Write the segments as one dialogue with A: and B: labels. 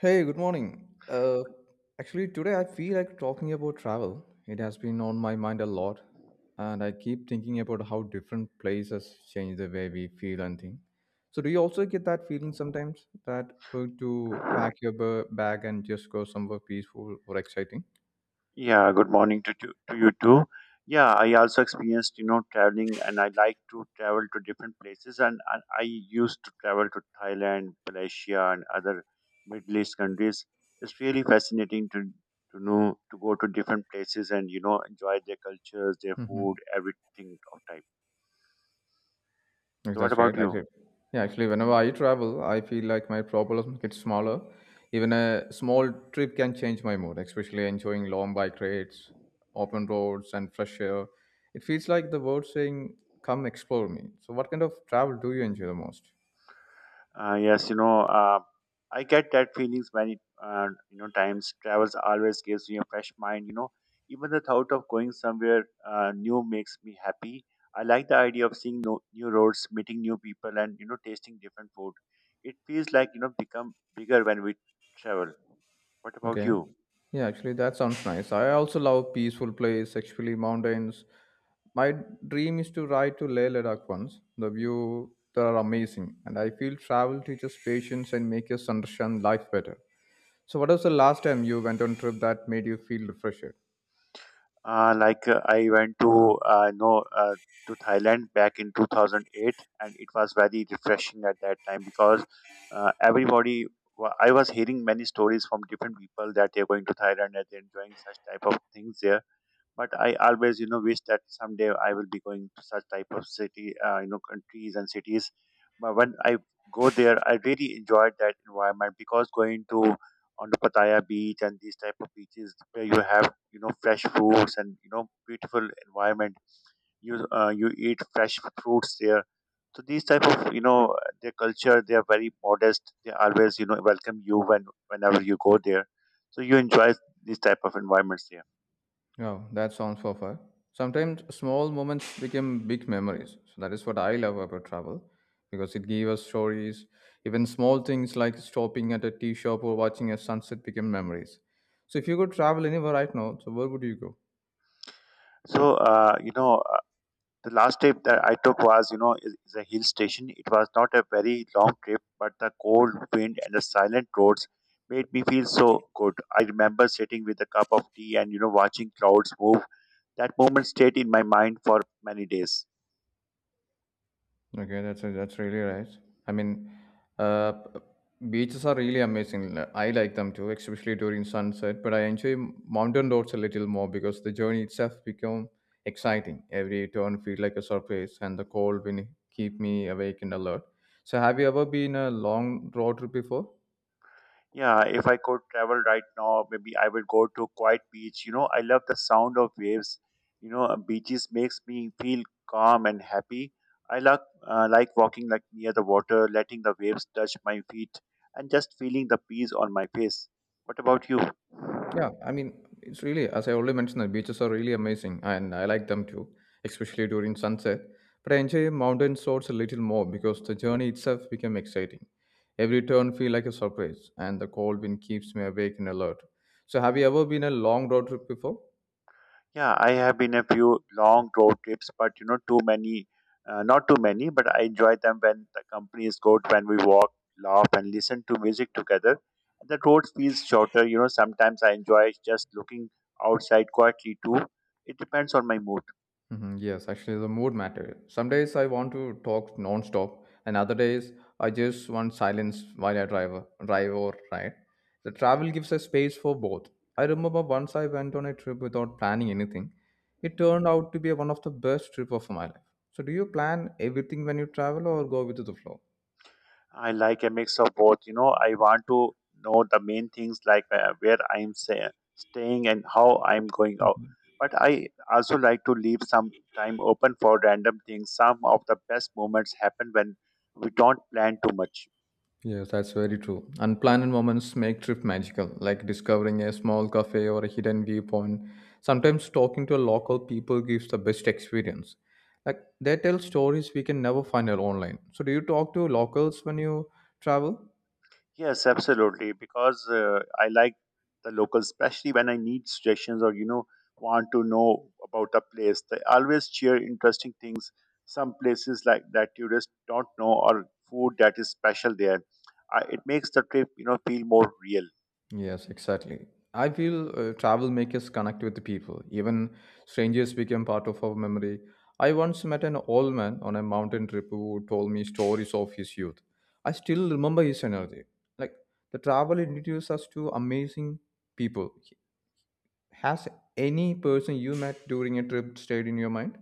A: Hey, good morning. Actually, today I feel like talking about travel. It has been on my mind a lot, and I keep thinking about how different places change the way we feel and think. So, do you also get that feeling sometimes that to pack your bag and just go somewhere peaceful or exciting?
B: Yeah, good morning to you too. Yeah, I also experienced, you know, traveling and I like to travel to different places and I used to travel to Thailand, Malaysia and other Middle East countries. It's really fascinating to know to go to different places and you know enjoy their cultures, their food,
A: Mm-hmm.
B: everything of type.
A: Yes,
B: So what
A: that's right.
B: about
A: I
B: you?
A: should. Yeah, actually, whenever I travel, I feel like my problems get smaller. Even a small trip can change my mood, especially enjoying long bike rides, open roads, and fresh air. It feels like the world saying, "Come explore me." So, what kind of travel do you enjoy the most?
B: Yes, you know, I get that feelings many, you know, times. Travels always gives me a fresh mind. You know, even the thought of going somewhere new makes me happy. I like the idea of seeing no, new roads, meeting new people, and you know, tasting different food. It feels like you know, become bigger when we travel. What about
A: Okay.
B: you?
A: Yeah, actually, that sounds nice. I also love peaceful place, actually mountains. My dream is to ride to Leh Ladakh once. The view there are amazing, and I feel travel teaches patience and makes us understand life better. So, what was the last time you went on trip that made you feel refreshed?
B: Like I went to know to Thailand back in 2008, and it was very refreshing at that time because everybody I was hearing many stories from different people that they're going to Thailand and they're enjoying such type of things there, but I always, you know, wish that someday I will be going to such type of city, you know, countries and cities. But when I go there, I really enjoyed that environment because going to on the Pattaya beach and these type of beaches where you have, you know, fresh fruits and you know, beautiful environment. You you eat fresh fruits there. So these type of, you know, their culture, they are very modest. They always, you know, welcome you whenever you go there. So you enjoy these type of environments there.
A: Oh, that sounds perfect. Sometimes small moments become big memories. So that is what I love about travel because it gave us stories. Even small things like stopping at a tea shop or watching a sunset become memories. So if you could travel anywhere right now, so where would you go?
B: So uh, you know. The last trip that I took was, you know, is a hill station. It was not a very long trip, but the cold wind and the silent roads made me feel so good. I remember sitting with a cup of tea and, you know, watching clouds move. That moment stayed in my mind for many days.
A: Okay, that's really nice. I mean, uh, p- beaches are really amazing. I like them too, especially during sunset. But I enjoy mountain roads a little more because the journey itself become exciting. Every turn feel like a surprise, and the cold wind keep me awake and alert. So, have you ever been a long road trip before?
B: Yeah, if I could travel right now, maybe I would go to quiet beach. You know, I love the sound of waves. You know, beaches makes me feel calm and happy. I like walking like near the water, letting the waves touch my feet, and just feeling the breeze on my face. What about you?
A: Yeah, I mean, it's really, as I already mentioned, the beaches are really amazing and I like them too, especially during sunset. But I enjoy mountain resorts a little more because the journey itself became exciting. Every turn feel like a surprise and the cold wind keeps me awake and alert. So have you ever been a long road trip before?
B: Yeah, I have been a few long road trips, but you know, too many, not too many, but I enjoy them when the company is good, when we walk, laugh, and listen to music together. The road feels shorter, you know, sometimes I enjoy just looking outside quietly too. It depends on my mood.
A: Mhm, yes, actually, the mood matter. Some days I want to talk non-stop, and other days I just want silence while I drive or ride. The travel gives a space for both. I remember once I went on a trip without planning anything. It turned out to be one of the best trip of my life. So, do you plan everything when you travel or go with the flow?
B: I like a mix of both. You know, I want to know the main things like where I'm staying and how I'm going out. But I also like to leave some time open for random things. Some of the best moments happen when we don't plan too much.
A: Yes, that's very true. Unplanned moments make trip magical, like discovering a small cafe or a hidden viewpoint. Sometimes talking to a local people gives the best experience. Like they tell stories we can never find out online. So do you talk to locals when you travel?
B: Yes, absolutely. Because I like the locals, especially when I need suggestions or you know want to know about a place. They always share interesting things. Some places like that tourists don't know, or food that is special there. It makes the trip you know feel more real.
A: Yes, exactly. I feel travel makes us connect with the people. Even strangers become part of our memory. I once met an old man on a mountain trip who told me stories of his youth. I still remember his energy. Like the travel introduces us to amazing people. Has any person you met during a trip stayed in your mind?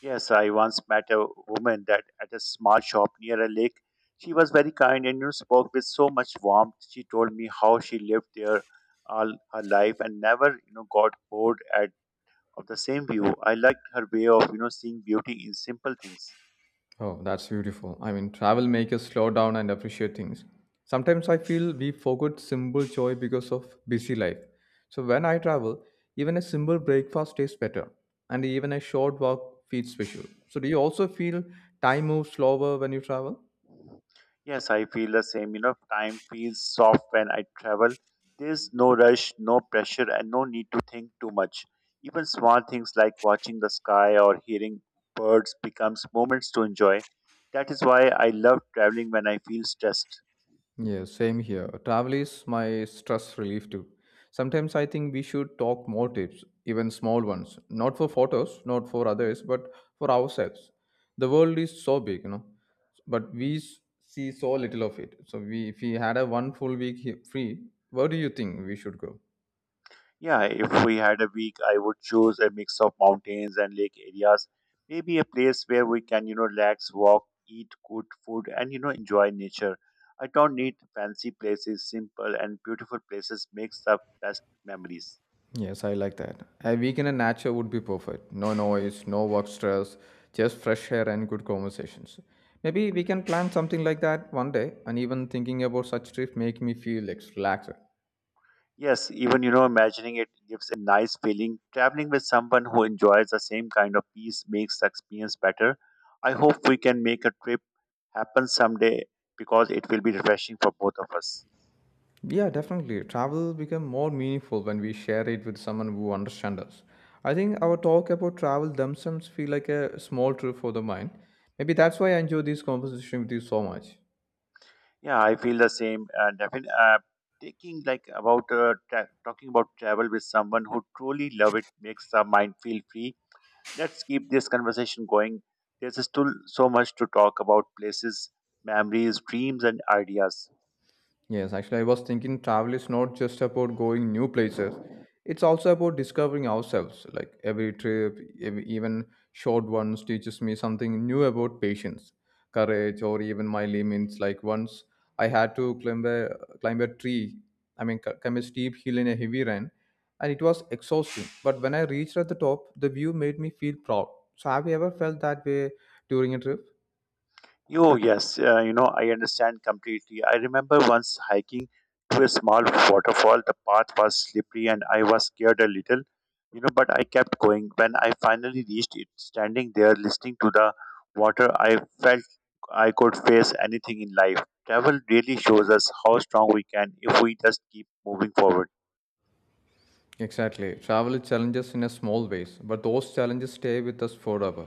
B: Yes, I once met a woman that at a small shop near a lake. She was very kind and you know, spoke with so much warmth. She told me how she lived there all her life and never you know got bored at. Of the same view. I like her way of, you know, seeing beauty in simple things.
A: Oh, that's beautiful. I mean, travel makes us slow down and appreciate things. Sometimes I feel we forget simple joy because of busy life. So when I travel, even a simple breakfast tastes better, and even a short walk feels special. So do you also feel time moves slower when you travel?
B: Yes, I feel the same. You know, time feels soft when I travel. There's no rush, no pressure, and no need to think too much. Even small things like watching the sky or hearing birds becomes moments to enjoy. That is why I love traveling when I feel stressed.
A: Yeah, same here. Travel is my stress relief too. Sometimes I think we should talk more tips, even small ones, not for photos, not for others, but for ourselves. The world is so big, but we see so little of it. So we, if we had a one full week free, where do you think we should go?
B: Yeah, if we had a week, I would choose a mix of mountains and lake areas. Maybe a place where we can, you know, relax, walk, eat good food, and, you know, enjoy nature. I don't need fancy places, simple and beautiful places makes the best memories.
A: Yes, I like that. A weekend in a nature would be perfect. No noise, no work stress, just fresh air and good conversations. Maybe we can plan something like that one day. And even thinking about such trips make me feel like relaxed.
B: Yes, even, you know, imagining it gives a nice feeling. Traveling with someone who enjoys the same kind of peace makes the experience better. I hope we can make a trip happen someday because it will be refreshing for both of us.
A: Yeah, definitely. Travel become more meaningful when we share it with someone who understands us. I think our talk about travel themselves feel like a small trip for the mind. Maybe that's why I enjoy this conversation with you so much.
B: Yeah, I feel the same. Taking like about talking about travel with someone who truly love it makes our mind feel free. Let's keep this conversation going. There's still so much to talk about: places, memories, dreams, and ideas.
A: Yes, actually, I was thinking travel is not just about going new places. It's also about discovering ourselves. Like every trip, even short ones, teaches me something new about patience, courage, or even my limits. Like once I had to climb a tree. I mean, climb a steep hill in a heavy rain, and it was exhausting. But when I reached at the top, the view made me feel proud. So, have you ever felt that way during a trip?
B: Oh, yes. You know, I understand completely. I remember once hiking to a small waterfall. The path was slippery and I was scared a little, you know, but I kept going. When I finally reached it, standing there listening to the water, I felt I could face anything in life. Travel really shows us how strong we can if we just keep moving forward.
A: Exactly. Travel challenges in a small ways, but those challenges stay with us forever.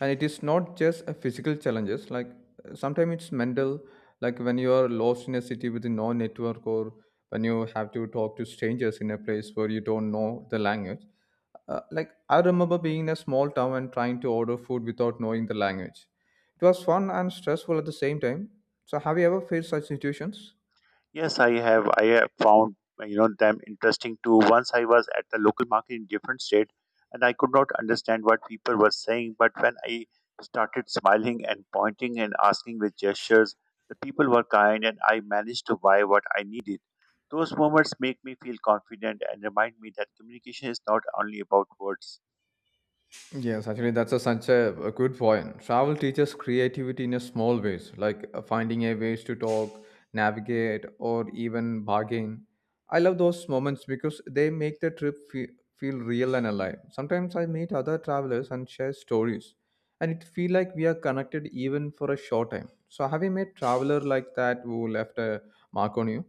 A: And it is not just a physical challenges, like sometimes it's mental, like when you are lost in a city with no network or when you have to talk to strangers in a place where you don't know the language. Like I remember being in a small town and trying to order food without knowing the language. It was fun and stressful at the same time. So have you ever faced such situations?
B: Yes, I have. I have found you know them interesting too. Once I was at the local market in different state, and I could not understand what people were saying. But when I started smiling and pointing and asking with gestures, the people were kind, and I managed to buy what I needed. Those moments make me feel confident and remind me that communication is not only about words.
A: Yes, actually, that's a, such a good point. Travel teaches creativity in a small ways, like finding a ways to talk, navigate, or even bargain. I love those moments because they make the trip feel real and alive. Sometimes I meet other travelers and share stories, and it feel like we are connected even for a short time. So, have you met traveler like that who left a mark on you?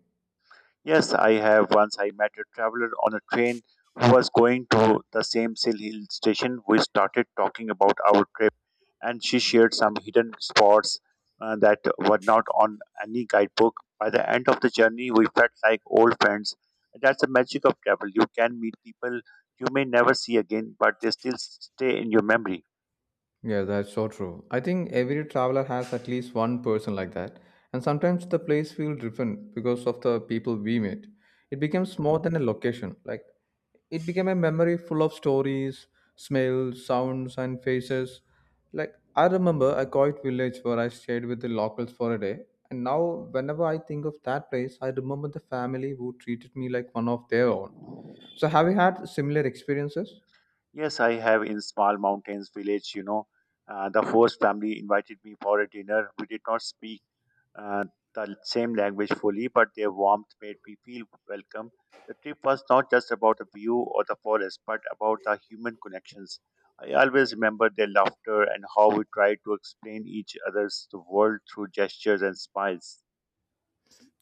B: Yes, I have. Once I met a traveler on a train who was going to the same Sil Hill station. We started talking about our trip, and she shared some hidden spots that were not on any guidebook. By the end of the journey, we felt like old friends. That's the magic of travel. You can meet people you may never see again, but they still stay in your memory.
A: Yeah, that's so true. I think every traveler has at least one person like that. And sometimes the place feels different because of the people we meet. It becomes more than a location. Like it became a memory full of stories, smells, sounds and faces. Like I remember a quiet village where I stayed with the locals for a day. And now whenever I think of that place, I remember the family who treated me like one of their own. So have you had similar experiences?
B: Yes, I have in small mountains village, you know. The host family invited me for a dinner. We did not speak uh, the same language fully, but their warmth made me feel welcome. The trip was not just about the view or the forest, but about the human connections. I always remember their laughter and how we tried to explain each other's the world through gestures and smiles.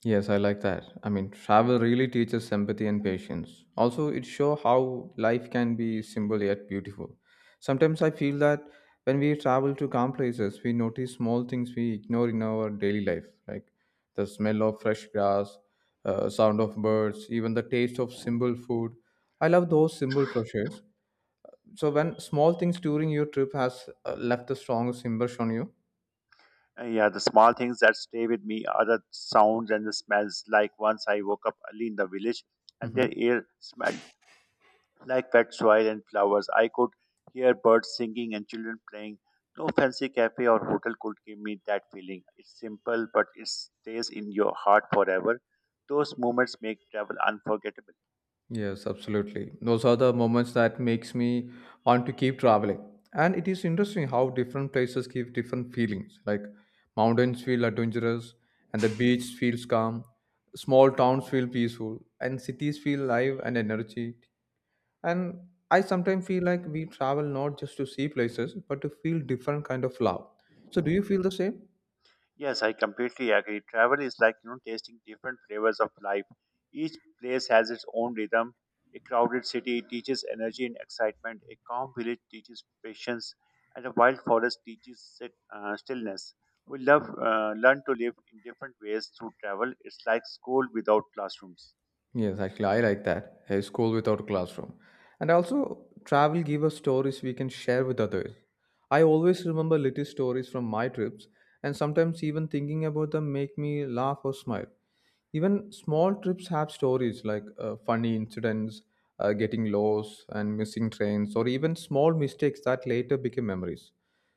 A: Yes, I like that. I mean, travel really teaches empathy and patience. Also, it shows how life can be simple yet beautiful. Sometimes I feel that when we travel to calm places, we notice small things we ignore in our daily life, like the smell of fresh grass, sound of birds, even the taste of simple food. I love those simple pleasures. So, when small things during your trip has left the strongest impression on you.
B: And yeah, the small things that stay with me are the sounds and the smells. Like once I woke up early in the village, and their
A: Hmm.
B: air smelled like wet soil and flowers. I could hear birds singing and children playing. No fancy cafe or hotel could give me that feeling. It's simple, but it stays in your heart forever. Those moments make travel unforgettable.
A: Yes, absolutely. Those are the moments that makes me want to keep traveling. And it is interesting how different places give different feelings. Like mountains feel adventurous and the beach feels calm. Small towns feel peaceful and cities feel live and energy. And I sometimes feel like we travel not just to see places but to feel different kind of love. So do you feel the same?
B: Yes, I completely agree. Travel is like you know tasting different flavors of life. Each place has its own rhythm. A crowded city teaches energy and excitement. A calm village teaches patience, and a wild forest teaches stillness. We love learn to live in different ways through travel. It's like school without classrooms.
A: Yes, actually, I like that. A school without classroom. And also, travel give us stories we can share with others. I always remember little stories from my trips, and sometimes even thinking about them make me laugh or smile. Even small trips have stories like funny incidents, getting lost, and missing trains, or even small mistakes that later become memories.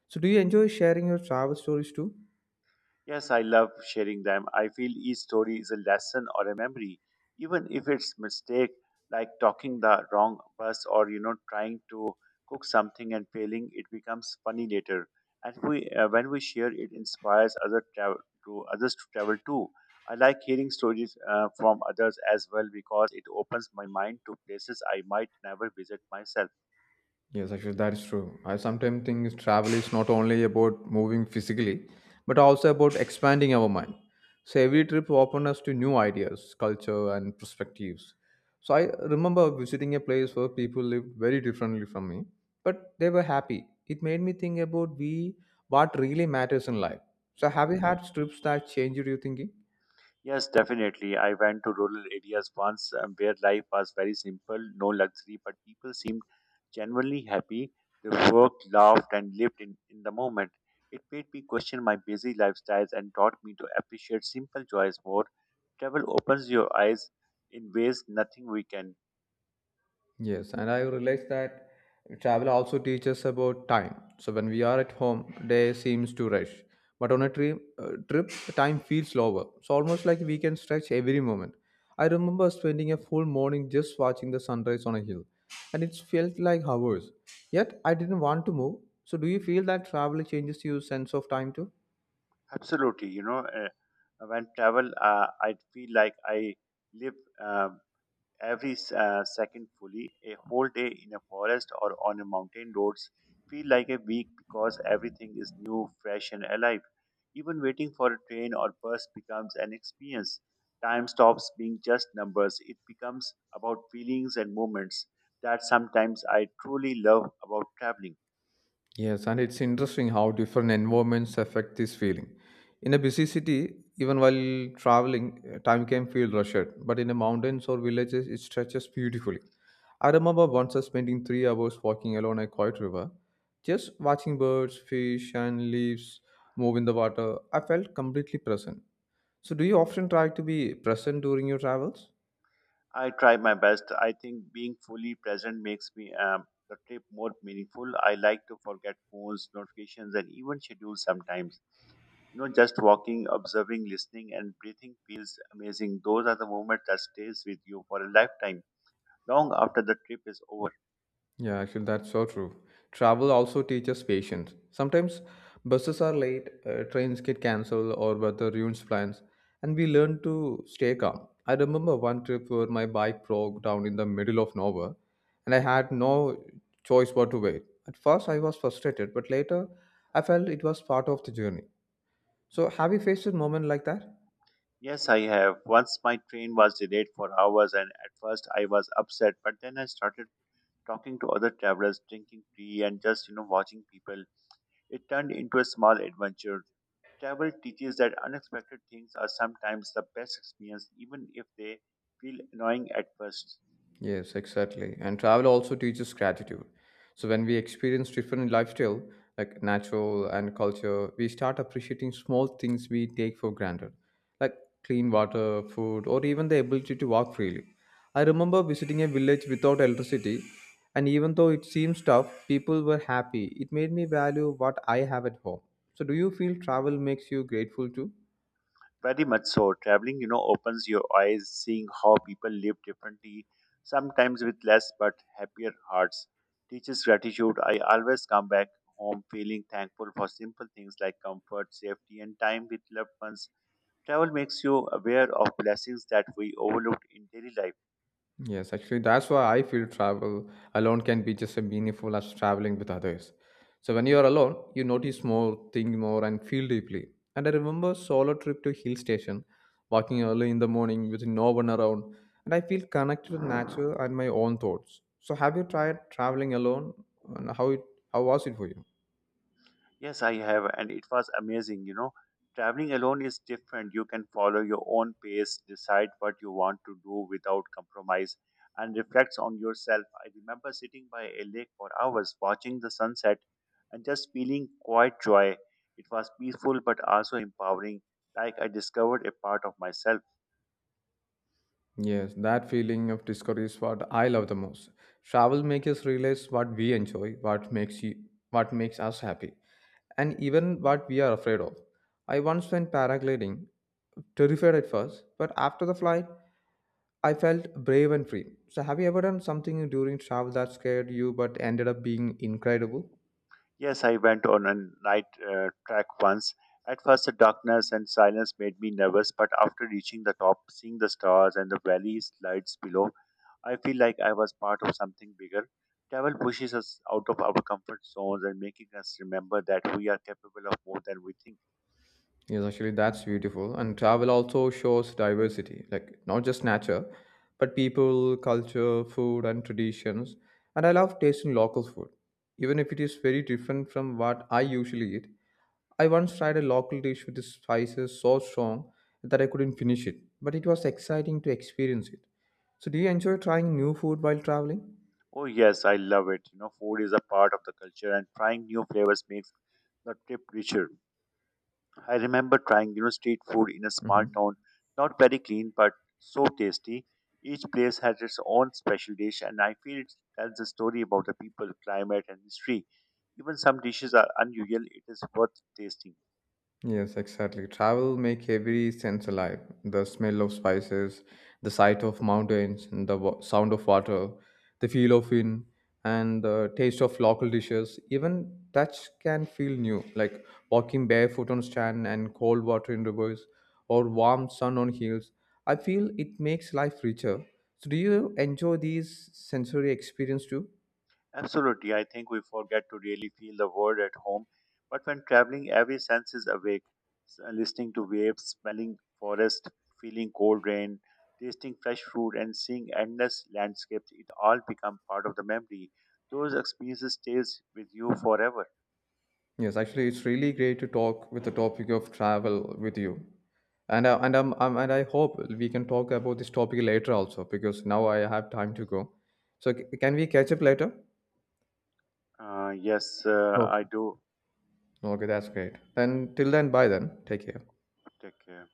A: So, do you enjoy sharing your travel stories too?
B: Yes, I love sharing them. I feel each story is a lesson or a memory, even if it's mistake like talking the wrong bus or you know trying to cook something and failing. It becomes funny later, and we when we share, it inspires other travel to others to travel too. I like hearing stories from others as well because it opens my mind to places I might never visit myself.
A: Yes, actually, that's true. I sometimes think travel is not only about moving physically, but also about expanding our mind. So every trip opens us to new ideas, culture, and perspectives. So I remember visiting a place where people lived very differently from me, but they were happy. It made me think about we what really matters in life. So have you had trips that changed your thinking?
B: Yes, definitely. I went to rural areas once where life was very simple, no luxury, but people seemed genuinely happy. They worked, laughed, and lived in the moment. It made me question my busy lifestyles and taught me to appreciate simple joys more. Travel opens your eyes in ways nothing we can.
A: Yes, and I realized that travel also teaches about time. So when we are at home, day seems to rush, but on a trip, time feels slower. So almost like we can stretch every moment. I remember spending a full morning just watching the sunrise on a hill, and it felt like hours. Yet I didn't want to move. So do you feel that travel changes your sense of time too?
B: Absolutely, you know, when travel, I feel like I live. um every second fully. A whole day in a forest or on a mountain roads feel like a week because everything is new, fresh, and alive. Even waiting for a train or bus becomes an experience. Time stops being just numbers. It becomes about feelings and moments that sometimes I truly love about traveling.
A: Yes, and it's interesting how different environments affect this feeling. In a busy city, even while traveling, time can feel rushed, but in the mountains or villages, it stretches beautifully. I remember once spending 3 hours walking along a quiet river, just watching birds, fish, and leaves move in the water. I felt completely present. So, do you often try to be present during your travels?
B: I try my best. I think being fully present makes me the trip more meaningful. I like to forget phones, notifications, and even schedules sometimes. You know, just walking, observing, listening, and breathing feels amazing. Those are the moments that stays with you for a lifetime, long after the trip is over.
A: Yeah, actually, that's so true. Travel also teaches patience. Sometimes buses are late, trains get cancelled, or weather ruins plans, and we learn to stay calm. I remember one trip where my bike broke down in the middle of nowhere, and I had no choice but to wait. At first, I was frustrated, but later, I felt it was part of the journey. So, have you faced a moment like that?
B: Yes, I have. Once my train was delayed for hours, and at first I was upset, but then I started talking to other travelers, drinking tea, and just you know watching people. It turned into a small adventure. Travel teaches that unexpected things are sometimes the best experience, even if they feel annoying at first.
A: Yes, exactly. And travel also teaches gratitude. So when we experience different lifestyle, like natural and culture, we start appreciating small things we take for granted, like clean water, food, or even the ability to walk freely. I remember visiting a village without electricity, and even though it seems tough, people were happy. It made me value what I have at home. So do you feel travel makes you grateful too?
B: Very much so. Traveling, you know, opens your eyes, seeing how people live differently, sometimes with less but happier hearts. Teaches gratitude. I always come back home feeling thankful for simple things like comfort, safety, and time with loved ones. Travel makes you aware of blessings that we overlooked in daily life.
A: Yes, actually, that's why I feel travel alone can be just as meaningful as traveling with others. So when you are alone, you notice more, think more, and feel deeply. And I remember solo trip to hill station, walking early in the morning with no one around, and I feel connected to nature and my own thoughts. So have you tried traveling alone, and how was it for you?
B: Yes, I have, and it was amazing. You know, traveling alone is different. You can follow your own pace, decide what you want to do without compromise, and reflects on yourself. I remember sitting by a lake for hours, watching the sunset, and just feeling quite joy. It was peaceful but also empowering, like I discovered a part of myself.
A: Yes, that feeling of discovery is what I love the most. Travel makes us realize what we enjoy, what makes us happy, and even what we are afraid of. I once went paragliding, terrified at first, but after the flight, I felt brave and free. So, have you ever done something during travel that scared you but ended up being incredible?
B: Yes, I went on a night trek once. At first, the darkness and silence made me nervous, but after reaching the top, seeing the stars and the valleys lights below, I feel like I was part of something bigger. Travel pushes us out of our comfort zones and making us remember that we are capable of more than we think.
A: Yes, actually, that's beautiful. And travel also shows diversity, like not just nature, but people, culture, food, and traditions. And I love tasting local food, even if it is very different from what I usually eat. I once tried a local dish with the spices so strong that I couldn't finish it, but it was exciting to experience it. So, do you enjoy trying new food while traveling?
B: Oh yes, I love it. You know, food is a part of the culture and trying new flavors makes the trip richer. I remember trying, you know, street food in a small
A: Mhm.
B: town, not very clean but so tasty. Each place has its own special dish and I feel it tells a story about the people, climate and history. Even some dishes are unusual, it is worth tasting.
A: Yes, exactly. Travel make every sense alive. The smell of spices, the sight of mountains, and the sound of water, the feel of wind, and the taste of local dishes. Even touch can feel new, like walking barefoot on sand and cold water in rivers, or warm sun on hills. I feel it makes life richer. So, do you enjoy these sensory experience too?
B: Absolutely. I think we forget to really feel the world at home. But when traveling, every sense is awake. Listening to waves, smelling forest, feeling cold rain, tasting fresh food, and seeing endless landscapes, it all become part of the memory. Those experiences stays with you forever.
A: Yes, actually, it's really great to talk with the topic of travel with you, and I, and I'm and I hope we can talk about this topic later also because now I have time to go. So can we catch up later?
B: Yes,
A: Okay.
B: I do.
A: Okay, that's great. Then till then, bye then. Take care.
B: Take care.